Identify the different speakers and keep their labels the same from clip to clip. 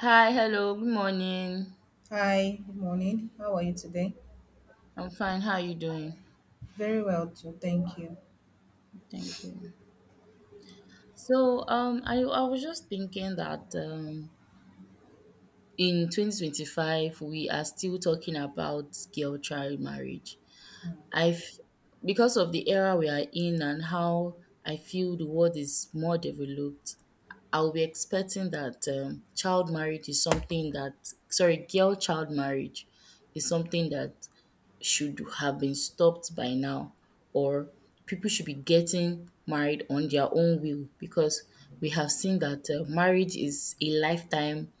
Speaker 1: Hi, hello, good morning.
Speaker 2: Hi, good morning. How are you today?
Speaker 1: I'm fine. How are you doing?
Speaker 2: Very well, too. Thank you.
Speaker 1: Thank you. So I was just thinking that in 2025, we are still talking about girl child marriage. I've, because of the era we are in and how I feel the world is more developed, I'll be expecting that child marriage is something that, sorry, girl child marriage is something that should have been stopped by now, or people should be getting married on their own will, because we have seen that marriage is a lifetime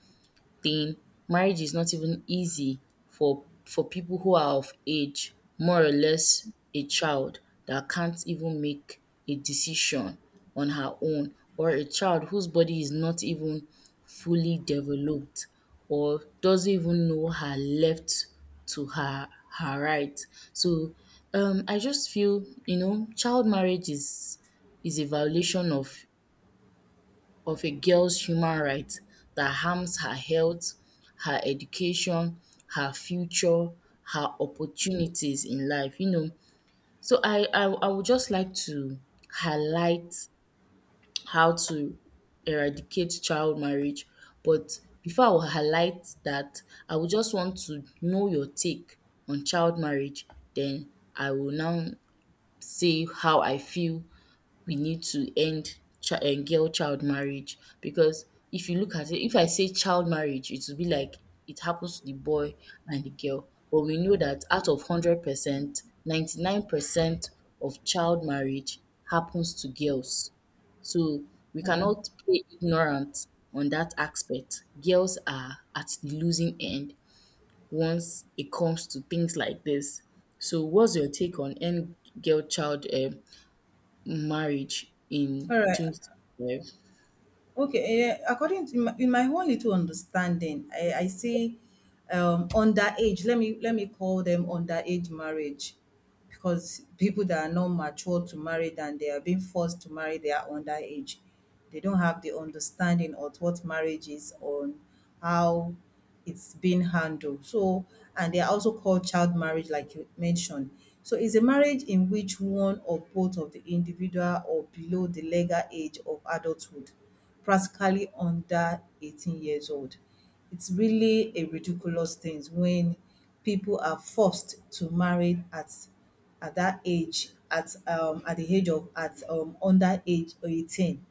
Speaker 1: thing, marriage is not even easy for people who are of age, more or less a child that can't even make a decision on her own, or a child whose body is not even fully developed or doesn't even know her left to her right. So um, I just feel, you know, child marriage is a violation of a girl's human right that harms her health, her education, her future, her opportunities in life, you know. So I would just like to highlight how to eradicate child marriage. But before I will highlight that, I would just want to know your take on child marriage. Then I will now say how I feel we need to end girl child marriage, because if you look at it, if I say child marriage, it will be like it happens to the boy and the girl. But we know that out of 100%, 99% of child marriage happens to girls. So we
Speaker 2: Yeah.
Speaker 1: cannot play ignorant on that aspect. Girls are at the losing end once it comes to things like this. So, what's your take on end girl child marriage in
Speaker 2: All right.
Speaker 1: 2012?
Speaker 2: Okay, in my own little understanding, I see underage. Let me call them underage marriage, because people that are not mature to marry then they are being forced to marry, they are underage. They don't have the understanding of what marriage is on how it's being handled. So, and they are also called child marriage, like you mentioned. So, it's a marriage in which one or both of the individual or below the legal age of adulthood, practically under 18 years old. It's really a ridiculous thing when people are forced to marry at that age, at the age of, at under age 18.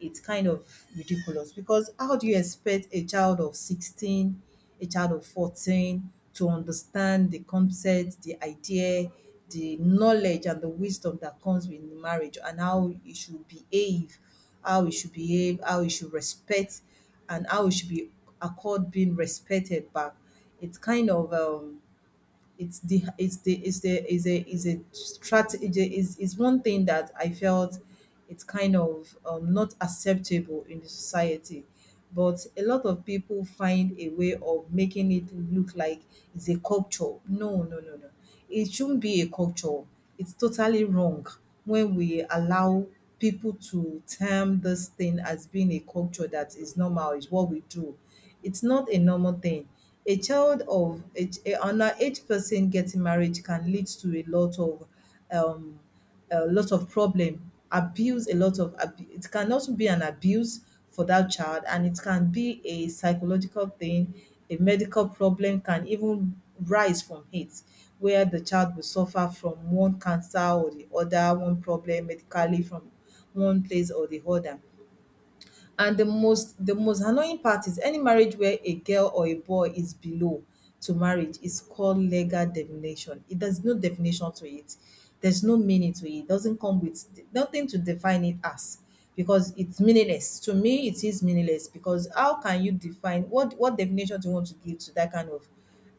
Speaker 2: It's kind of ridiculous because how do you expect a child of 16, a child of 14, to understand the concept, the idea, the knowledge and the wisdom that comes with marriage, and how we should behave, how we should respect, and how we should be accord being respected back. It's kind of it's the it's the it's the is a strategy is one thing that I felt, it's kind of not acceptable in the society. But a lot of people find a way of making it look like it's a culture. No, no, no, no. It shouldn't be a culture. It's totally wrong when we allow people to term this thing as being a culture, that is normal, is what we do. It's not a normal thing. A child of a underage person getting married can lead to a lot of, um a lot of problem, abuse, a lot of ab- it can also be an abuse for that child, and it can be a psychological thing. A medical problem can even rise from it, where the child will suffer from one cancer or the other, one problem medically from one place or the other. And the most annoying part is any marriage where a girl or a boy is below to marriage is called legal definition. It There's no definition to it. There's no meaning to it. It doesn't come with nothing to define it as, because it's meaningless. To me, it is meaningless, because how can you define, what definition do you want to give to that kind of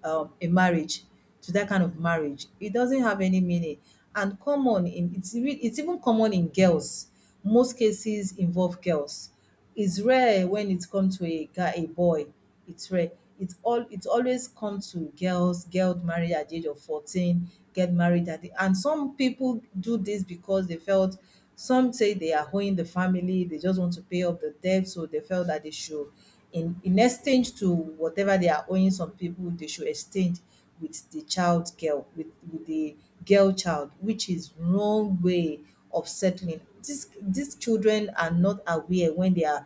Speaker 2: um, a marriage marriage. It doesn't have any meaning. And common in it's re- It's even common in girls. Most cases involve girls, it's rare when it comes to a boy. It's rare. It always come to girls. Girls married at the age of 14, get married at the and some people do this because they felt some say they are owing the family, they just want to pay off the debt, so they felt that they should, in exchange to whatever they are owing some people, they should exchange with the child girl with the girl child, which is wrong way of settling. These children are not aware when they are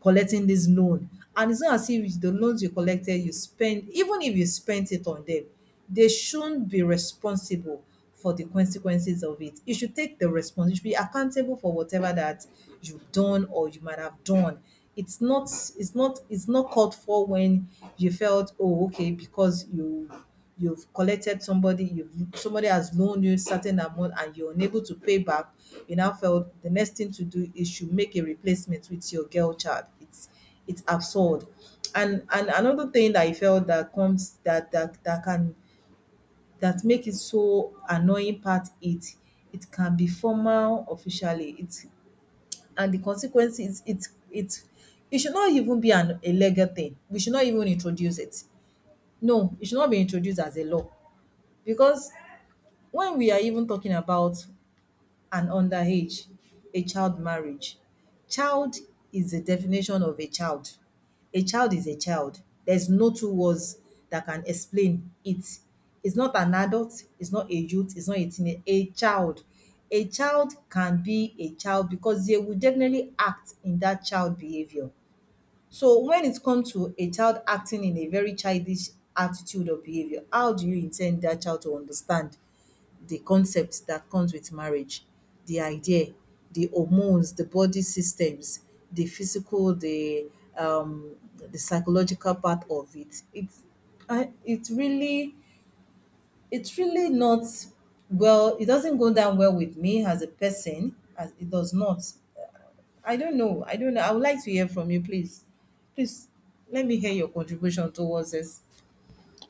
Speaker 2: collecting this loan, and it's not as if the loans you collected you spend. Even if you spent it on them, they shouldn't be responsible for the consequences of it. You should take the response. You should be accountable for whatever that you've done or you might have done. It's not it's not called for, when you felt, oh, okay, because you've somebody has loaned you a certain amount and you're unable to pay back, you now felt the next thing to do is you make a replacement with your girl child. It's absurd. And another thing that I felt that comes that that that can that make it so annoying part, it can be formal officially, it and the consequences, it should not even be an a legal thing, we should not even introduce it. No, it should not be introduced as a law, because when we are even talking about and underage, a child marriage. Child is the definition of a child. A child is a child. There's no two words that can explain it. It's not an adult, it's not a youth, it's not a teenager, a child. A child can be a child because they will definitely act in that child behavior. So when it comes to a child acting in a very childish attitude or behavior, how do you intend that child to understand the concept that comes with marriage, the idea, the hormones, the body systems, the physical, the psychological part of it. I, it really it's really not well. It doesn't go down well with me as a person. As it does not. I don't know. I don't know. I would like to hear from you, please. Please let me hear your contribution towards this.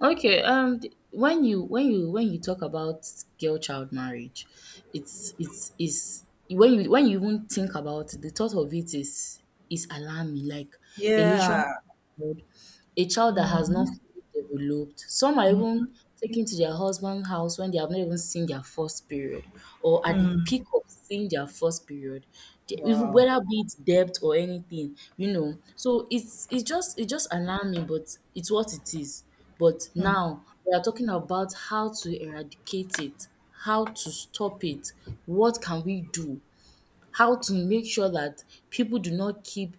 Speaker 1: Okay, when you when you talk about girl child marriage, it's is when you even think about it, the thought of it is alarming, like a literal,
Speaker 2: Yeah.
Speaker 1: a child that has not
Speaker 2: Mm-hmm.
Speaker 1: fully developed. Some are even taken to their husband's house when they have not even seen their first period, or at the
Speaker 2: Mm-hmm.
Speaker 1: peak of seeing their first period, even
Speaker 2: Wow.
Speaker 1: whether be it debt or anything, you know. So it's just alarming, but it's what it is. But
Speaker 2: Hmm.
Speaker 1: now we are talking about how to eradicate it, how to stop it, what can we do? How to make sure that people do not keep,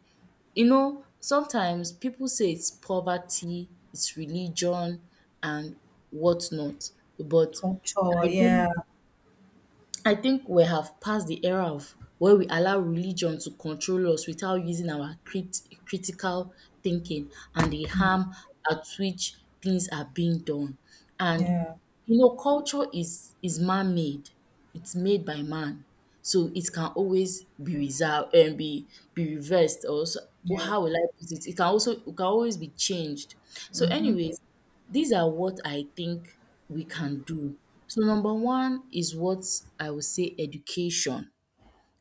Speaker 1: you know, sometimes people say it's poverty, it's religion and whatnot, but
Speaker 2: Culture,
Speaker 1: I
Speaker 2: yeah.
Speaker 1: think I think we have passed the era of where we allow religion to control us without using our critical thinking, and the
Speaker 2: Mm.
Speaker 1: harm at which things are being done. And
Speaker 2: Yeah.
Speaker 1: you know, culture is man-made. It's made by man, so it can always be reserved and be reversed. Or so, or
Speaker 2: Yeah.
Speaker 1: how will I put it? It can also it can always be changed. So, anyways, these are what I think we can do. So number one is what I would say, education.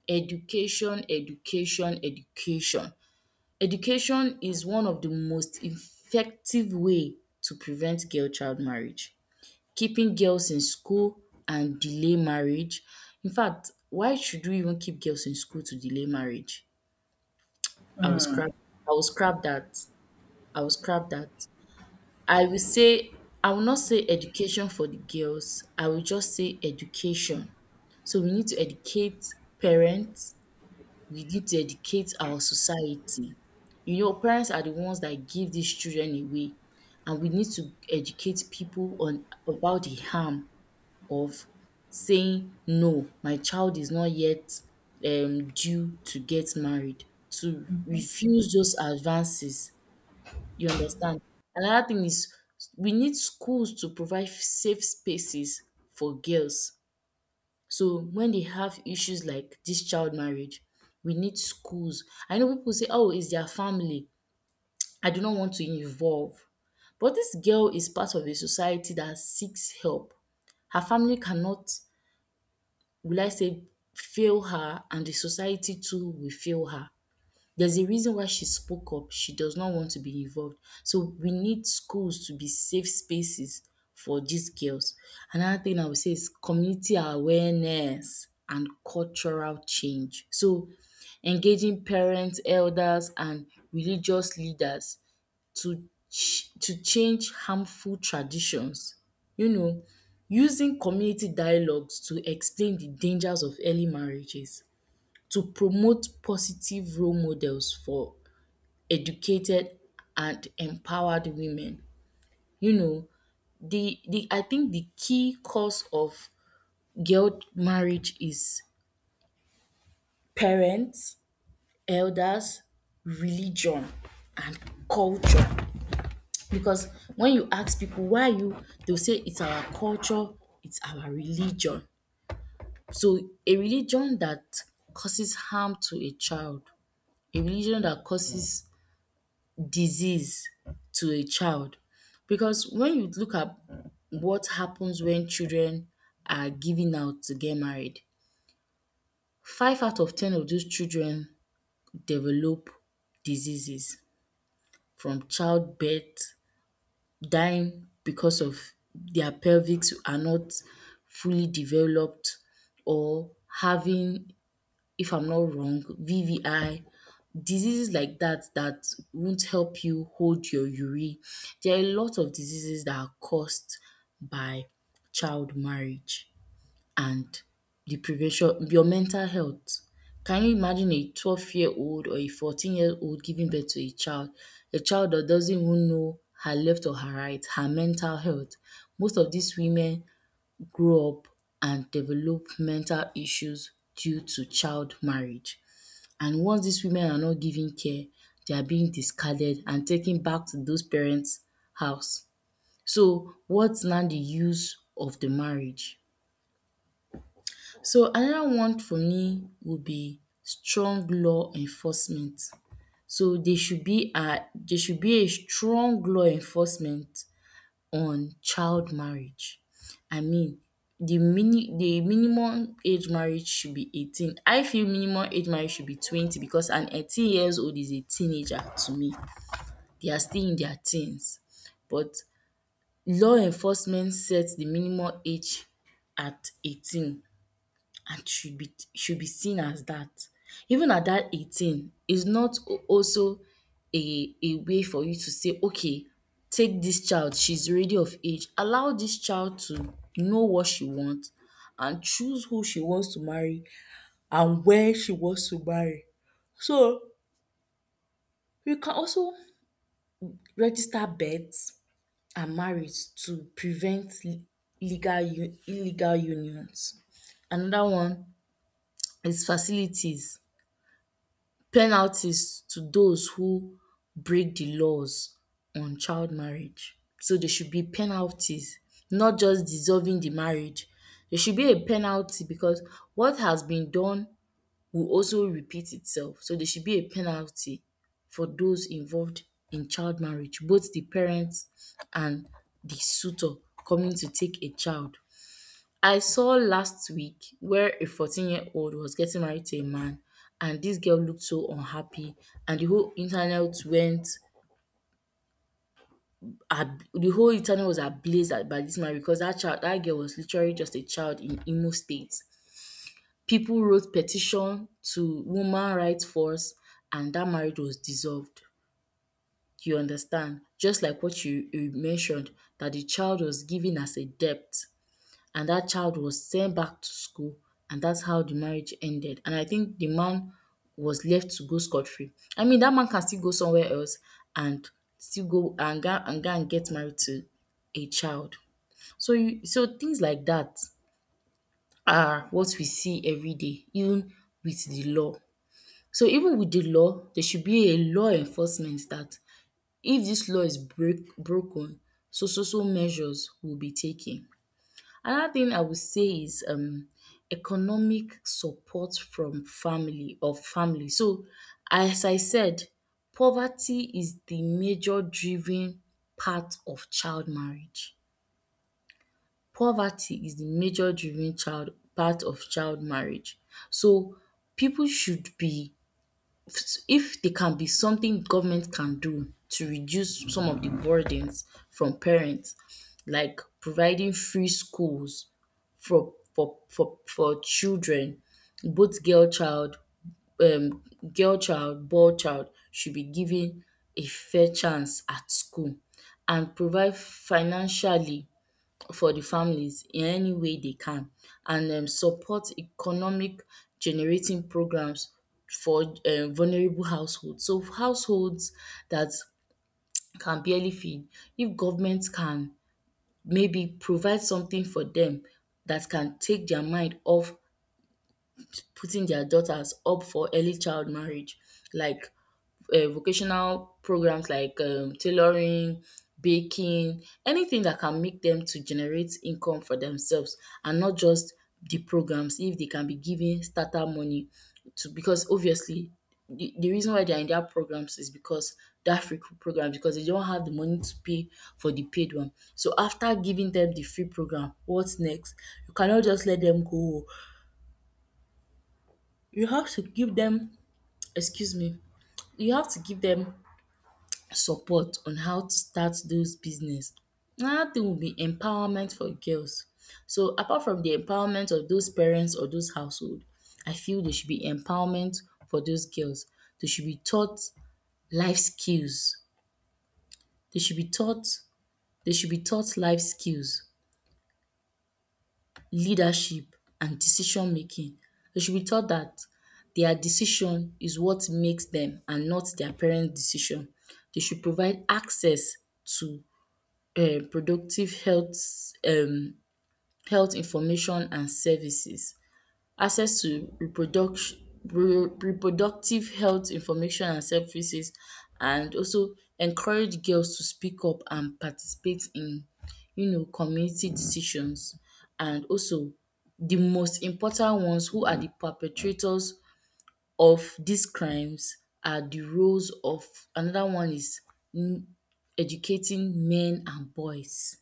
Speaker 1: Education, education, education. Education is one of the most effective way to prevent girl child marriage. Keeping girls in school and delay marriage. In fact, why should we even keep girls in school to delay marriage? I will scrap I will scrap that. I will scrap that. I will say I will not say education for the girls, I will just say education. So we need to educate parents, we need to educate our society. You know, parents are the ones that give these children away, and we need to educate people on about the harm of saying no, my child is not yet due to get married, to refuse those advances, you understand? Another thing is we need schools to provide safe spaces for girls. So when they have issues like this child marriage, we need schools. I know people say, oh, it's their family. I do not want to involve. But this girl is part of a society that seeks help. Her family cannot, will I say, fail her, and the society too will fail her. There's a reason why she spoke up. She does not want to be involved. So we need schools to be safe spaces for these girls. Another thing I would say is community awareness and cultural change. So engaging parents, elders, and religious leaders to to change harmful traditions. You know, using community dialogues to explain the dangers of early marriages, to promote positive role models for educated and empowered women. You know, the I think the key cause of girl marriage is parents, elders, religion, and culture. Because when you ask people why you, they'll say it's our culture, it's our religion. So a religion that causes harm to a child, a religion that causes disease to a child, because when you look at what happens when children are given out to get married, five out of ten of those children develop diseases from childbirth, dying because of their pelvics are not fully developed, or having, if I'm not wrong, VVI, diseases like that that won't help you hold your urine. There are a lot of diseases that are caused by child marriage, and the prevention, your mental health. Can you imagine a 12-year-old or a 14-year-old giving birth to a child? A child that doesn't even know her left or her right, her mental health. Most of these women grow up and develop mental issues due to child marriage, and once these women are not given care, they are being discarded and taken back to those parents' house. So what's now the use of the marriage? So another one for me would be strong law enforcement. So there should be a, there should be a strong law enforcement on child marriage. I mean, the minimum age marriage should be 18. I feel minimum age marriage should be 20, because an 18 years old is a teenager to me. They are still in their teens. But law enforcement sets the minimum age at 18, and should be, should be seen as that. Even at that 18, is not also a way for you to say, okay, take this child, she's already of age. Allow this child to know what she wants and choose who she wants to marry and where she wants to marry. So you can also register births and marriage to prevent legal illegal unions. Another one is facilities. Penalties to those who break the laws on child marriage. So there should be penalties, not just dissolving the marriage. There should be a penalty because what has been done will also repeat itself. So there should be a penalty for those involved in child marriage, both the parents and the suitor coming to take a child. I saw last week where a 14-year-old was getting married to a man, and this girl looked so unhappy, and the whole internet went the whole internet was ablaze by this man, because that child, that girl was literally just a child in Imo State. People wrote petition to woman rights force, and that marriage was dissolved. You understand? Just like what you mentioned, that the child was given as a debt, and that child was sent back to school, and that's how the marriage ended, and I think the man was left to go scot-free. I mean, that man can still go somewhere else and still go and get married to a child. So you, so things like that are what we see every day, even with the law. So even with the law, there should be a law enforcement that if this law is break broken, so measures will be taken. Another thing I would say is economic support from family. So, as I said, poverty is the major driven part of child marriage. Poverty is the major driven child part of child marriage. So people should be if there can be something government can do to reduce some of the burdens from parents, like providing free schools for children, both girl um girl child, boy child should be given a fair chance at school, and provide financially for the families in any way they can, and um, support economic generating programs for vulnerable households. So households that can barely feed, if government can maybe provide something for them that can take their mind off putting their daughters up for early child marriage, like vocational programs like tailoring, baking, anything that can make them to generate income for themselves, and not just the programs, if they can be given starter money to, because obviously the reason why they're in their programs is because that free program, because they don't have the money to pay for the paid one. So after giving them the free program, what's next? You cannot just let them go. You have to give them, excuse me, you have to give them support on how to start those business. Another thing would be empowerment for girls. So apart from the empowerment of those parents or those household, I feel there should be empowerment for those girls. They should be taught life skills. They should be taught, life skills, leadership, and decision making. They should be taught that their decision is what makes them and not their parents' decision. They should provide access to productive health, um health information and services, access to reproduction, reproductive health information and services, and also encourage girls to speak up and participate in community decisions. And also, the most important ones who are the perpetrators of these crimes are the roles of, another one is, mm, educating men and boys,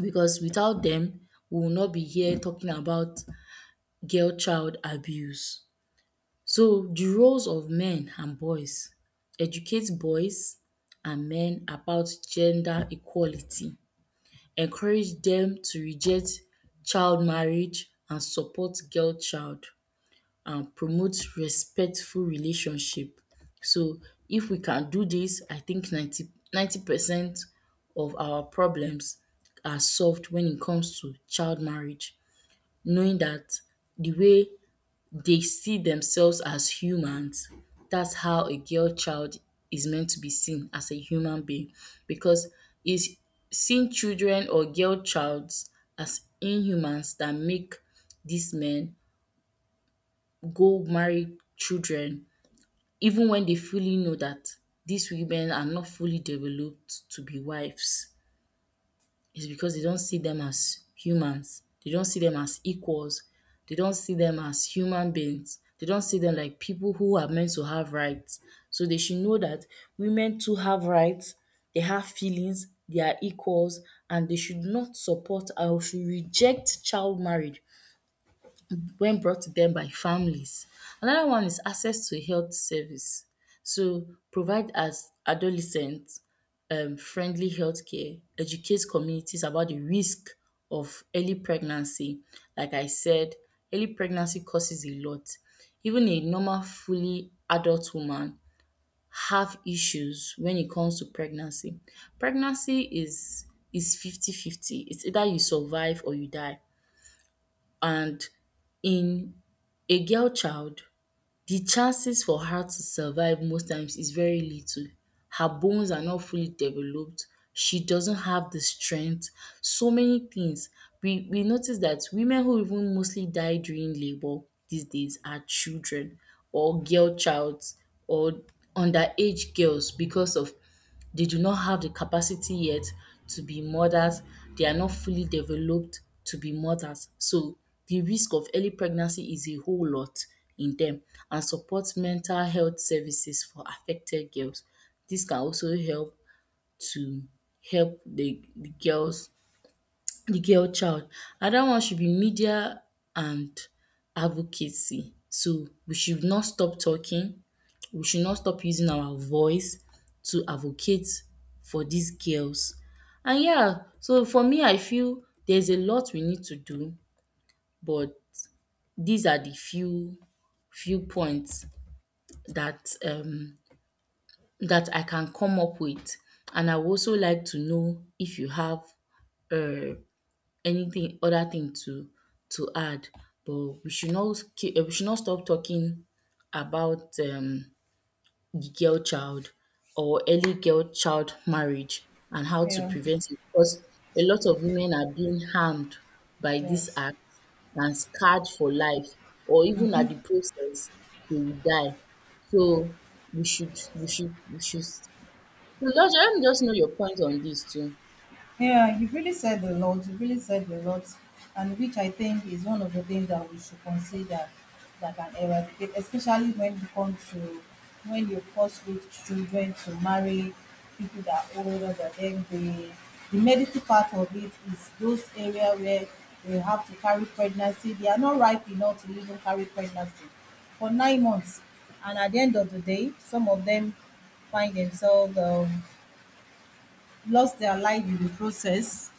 Speaker 1: because without them we will not be here talking about girl child abuse. So the roles of men and boys: educate boys and men about gender equality, encourage them to reject child marriage and support girl child, and promote respectful relationship. So if we can do this, I think ninety percent of our problems are solved when it comes to child marriage, knowing that the way they see themselves as humans. That's how a girl child is meant to be seen as a human being, because it's seeing children or girl childs as inhumans that make these men go marry children. Even when they fully know that these women are not fully developed to be wives, is because they don't see them as humans. They don't see them as equals. They don't see them as human beings. They don't see them like people who are meant to have rights. So they should know that women too have rights, they have feelings, they are equals, and they should not support or should reject child marriage when brought to them by families. Another one is access to health service. So provide as adolescent friendly healthcare, care, educate communities about the risk of early pregnancy. Like I said, early pregnancy causes a lot. Even a normal fully adult woman have issues when it comes to pregnancy. Pregnancy is fifty fifty. It's either you survive or you die. And in a girl child, the chances for her to survive most times is very little. Her bones are not fully developed. She doesn't have the strength. So many things. We notice that women who even mostly die during labour these days are children or girl childs or underage girls, because of, they do not have the capacity yet to be mothers. They are not fully developed to be mothers. So the risk of early pregnancy is a whole lot in them, and support mental health services for affected girls. This can also help to help the girl child. Another one should be media and advocacy. So we should not stop talking. We should not stop using our voice to advocate for these girls. And yeah, so for me, I feel there's a lot we need to do, but these are the few points that that I can come up with. And I would also like to know if you have uh anything other thing to add, but we should not stop talking about girl child or early girl child marriage and how to
Speaker 2: Yeah.
Speaker 1: prevent it, because a lot of women are being harmed by this
Speaker 2: Yes.
Speaker 1: act and scarred for life, or even at the process they will die. So we should, so just let me just know your point on this too.
Speaker 2: Yeah, you've really said a lot. You've really said a lot, and which I think is one of the things that we should consider that can eradicate, especially when you force with children to marry people that are older than them. The medical part of it is those area where they have to carry pregnancy. They are not ripe enough to even carry pregnancy for 9 months, and at the end of the day, some of them find themselves, lost their life in the process.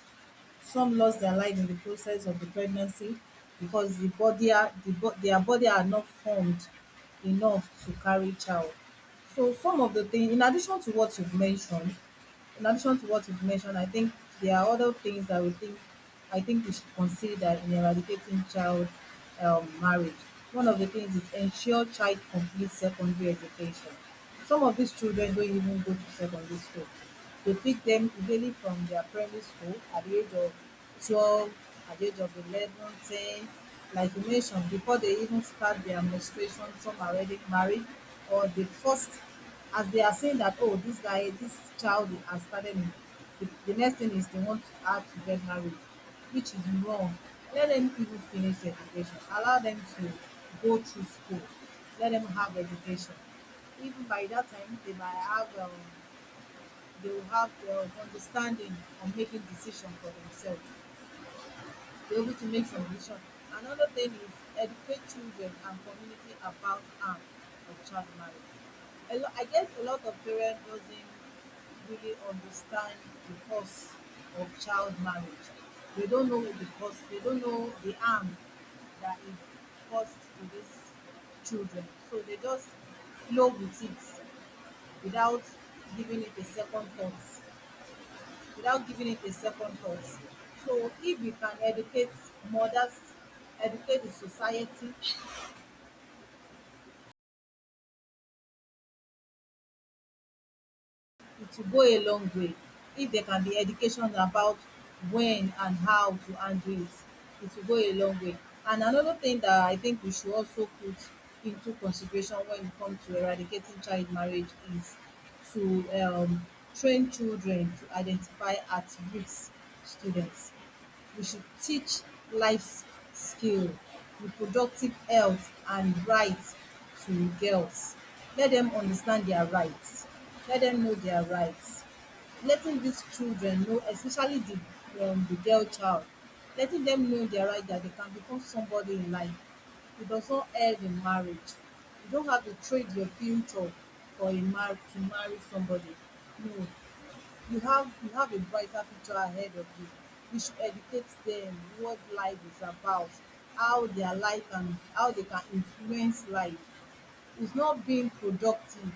Speaker 2: Some lost their life in the process of the pregnancy because their body are not formed enough to carry child. So some of the thing in addition to what you've mentioned, I think there are other things that we think I think we should consider in eradicating child marriage. One of the things is ensure child complete secondary education. Some of these children don't even go to secondary school. They pick them immediately from their primary school at the age of 12, at the age of 11, 10. Like you mentioned, before they even start their menstruation, some are already married, or the first, as they are saying that, oh, this child has started, the next thing is they want her to get married, which is wrong. Let them even finish their education. Allow them to go through school. Let them have education. Even by that time, they will have the understanding on making decision for themselves, be able to make some decision. Another thing is educate children and community about harm of child marriage. A lot, I guess a lot of parents doesn't really understand the cost of child marriage. They don't know the cost. They don't know the harm that it caused to these children. So they just flow with it, without giving it a second thought without giving it a second thought. So if we can educate mothers, educate the society, it will go a long way. If there can be education about when and how to handle it, it will go a long way. And another thing that I think we should also put into consideration when it comes to eradicating child marriage is to train children to identify at-risk students. We should teach life skill, reproductive health and rights to girls. Let dem understand dia rights, let dem know dia rights. Letting dis children know, especially the girl child, letting dem know dia right that they can become somebody in life. It does not end in marriage. You don't have to trade your future for a mar to marry somebody. No. You have a brighter future ahead of you. We should educate them what life is about, how their life and how they can influence life. It's not being productive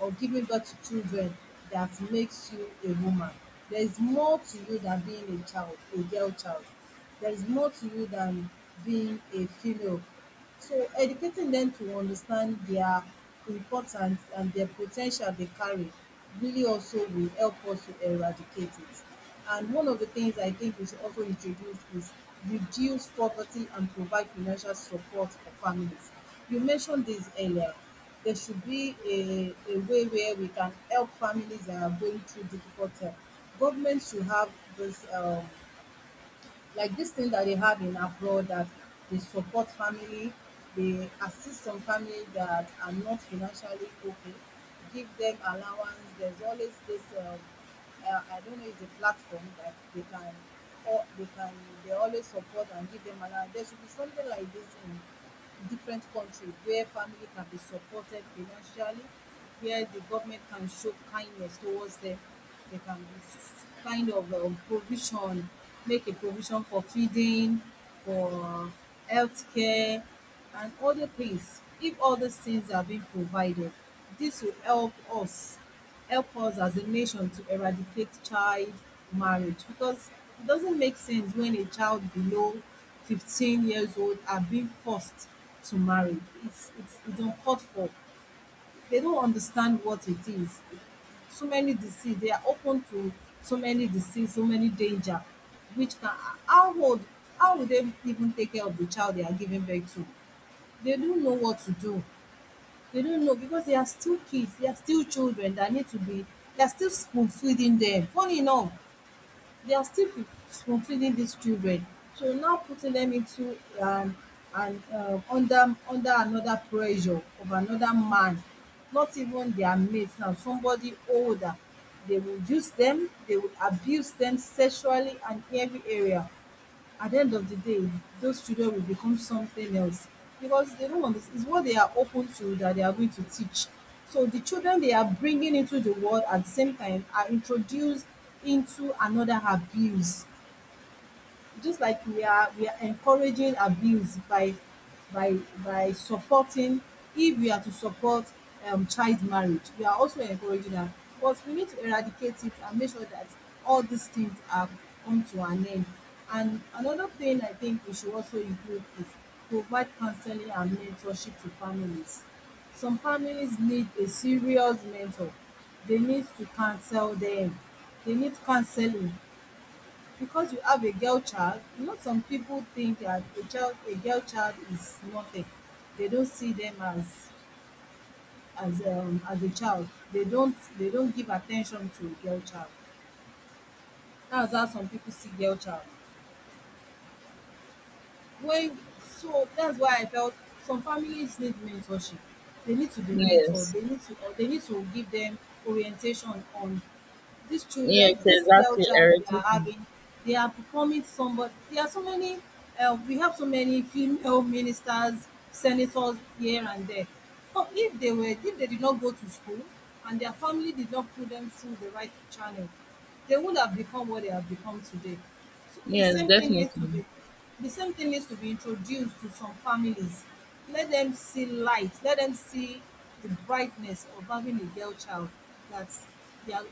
Speaker 2: or giving birth to children that makes you a woman. There is more to you than being a child, a girl child. There is more to you than being a female. So educating them to understand their importance and their potential they carry really also will help us to eradicate it. And one of the things I think we should also introduce is reduce poverty and provide financial support for families. You mentioned this earlier. There should be a way where we can help families that are going through difficult time. Government should have this, like this thing that they have in abroad, that they support family, they assist some family that are not financially okay, give them allowance. There's always this, I don't know, it's a platform that they can, or they can, they always support and give them allowance. There should be something like this in different countries where family can be supported financially, where the government can show kindness towards them. They can kind of provision, make a provision for feeding, for healthcare, and other things. If all these things are being provided, this will help us as a nation to eradicate child marriage, because it doesn't make sense when a child below 15 years old are being forced to marry. It's uncalled for. They don't understand what it is. So many disease, they are open to so many disease, so many danger, which can, how would, how would they even take care of the child they are giving birth to? They don't know what to do. They don't know because they are still kids, they are still children that need to be, they are still spoon feeding them. Funny enough, they are still spoonfeeding these children. So now putting them into and under another pressure of another man, not even their mate, now somebody older. They will use them, they will abuse them sexually and every area. At the end of the day, those children will become something else because they don't understand. It's what they are open to that they are going to teach. So the children they are bringing into the world at the same time are introduced into another abuse. Just like we are encouraging abuse by by supporting. If we are to support child marriage, we are also encouraging that. But we need to eradicate it and make sure that all these things are come to an end. And another thing I think we should also include is provide counseling and mentorship to families. Some families need a serious mentor. They need to counsel them, they need counseling. Because you have a girl child, you know, some people think that a child, a girl child is nothing. They don't see them as, as a child. They don't, they don't give attention to a girl child. That's how some people see girl child. When, so that's why I felt some families need mentorship. They need to be mentored.
Speaker 1: Yes.
Speaker 2: They need to, or they need to give them orientation on these
Speaker 1: Yes,
Speaker 2: children, this girl
Speaker 1: exactly,
Speaker 2: child we
Speaker 1: Eric.
Speaker 2: are having, they are becoming somebody. There are so many, we have so many female ministers, senators here and there. So if they were, if they did not go to school and their family did not put them through the right channel, they would have become what they have become today. So the
Speaker 1: Yes,
Speaker 2: same thing needs to
Speaker 1: definitely.
Speaker 2: be, the same thing needs to be introduced to some families. Let them see light. Let them see the brightness of having a girl child. That's, they are,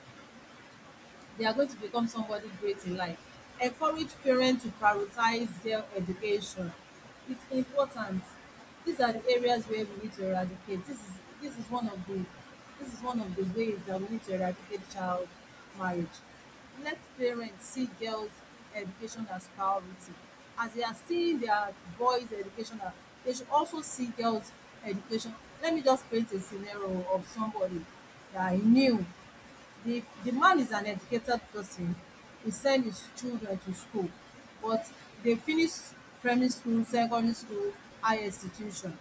Speaker 2: they are going to become somebody great in life. Encourage parents to prioritize their education. It's important. These are the areas where we need to eradicate. This is one of the, this is one of the ways that we need to eradicate child marriage. Let parents see girls' education as priority. As they are seeing their boys' education, as, they should also see girls' education. Let me just paint a scenario of somebody that I knew. The man is an educated person. He sent his children to school, but they finished primary school, secondary school, higher institution.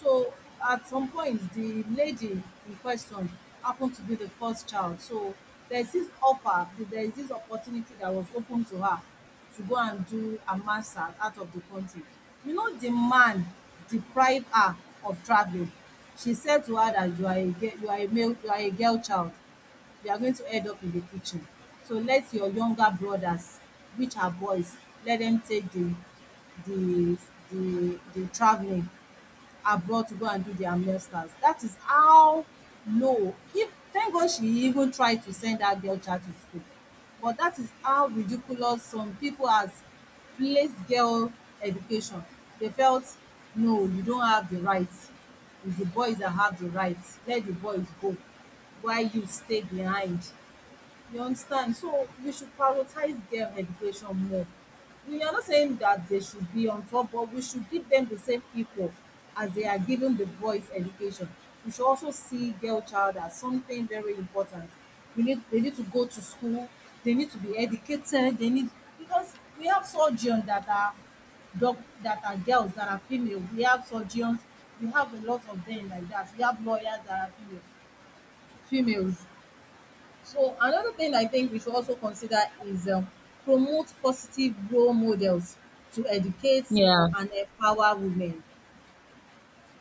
Speaker 2: So at some point, the lady in question happened to be the first child. So there's this offer, there is this opportunity that was open to her to go and do a master's out of the country. You know, the man deprived her of traveling. She said to her that you are a girl, you are a male, you are a girl child. They are going to end up in the kitchen. So let your younger brothers, which are boys, let them take the, the traveling abroad to go and do their masters. That is how low. If, thank God she even tried to send that girl child to school. But that is how ridiculous some people has placed girl education. They felt, no, you don't have the right. It's the boys that have the right. Let the boys go while you stay behind. You understand? So we should prioritize girl education more. We are not saying that they should be on top, but we should give them the same equal as they are given the boys' education. We should also see girl child as something very important. We need, they need to go to school, they need to be educated, they need, because we have surgeons that are, doc, that are girls, that are female. We have surgeons, we have a lot of them like that. We have lawyers that are female, females. So another thing I think we should also consider is promote positive role models to educate
Speaker 1: Yeah.
Speaker 2: and empower women.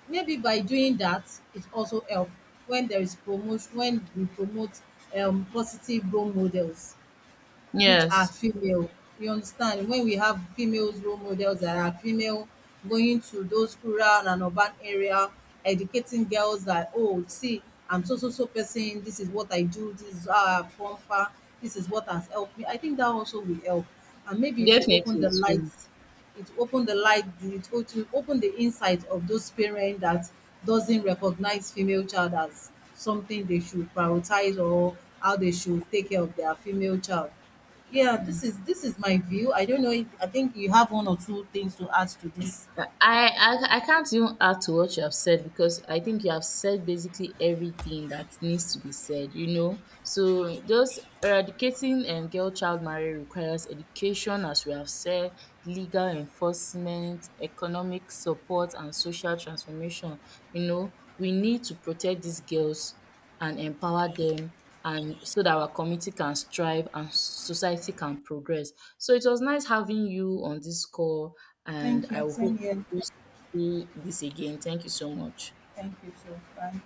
Speaker 2: Maybe by doing that, it also help. When there is promotion, when we promote positive role models which are
Speaker 1: Yes.
Speaker 2: female. You understand? When we have females role models that are female going to those rural and urban area, educating girls that, oh, see, I'm so so so person, this is what I do, this is how I've come far, this is what has helped me. I think that also will help. And maybe it will open
Speaker 1: Definitely,
Speaker 2: the
Speaker 1: it's will.
Speaker 2: lights, it will open the light, it will open the insight of those parents that doesn't recognize female child as something they should prioritize or how they should take care of their female child. Yeah, this is, this is my view. I don't know if, I think you have one or two things to add to this.
Speaker 1: I can't even add to what you have said, because I think you have said basically everything that needs to be said, you know. So those, eradicating girl child marriage requires education, as we have said, legal enforcement, economic support, and social transformation. You know, we need to protect these girls and empower them, and so that our community can strive and society can progress. So it was nice having you on this call, and
Speaker 2: Thank
Speaker 1: I
Speaker 2: you.
Speaker 1: hope
Speaker 2: Same here.
Speaker 1: discuss this again. Thank you so much.
Speaker 2: Thank you too. Bye.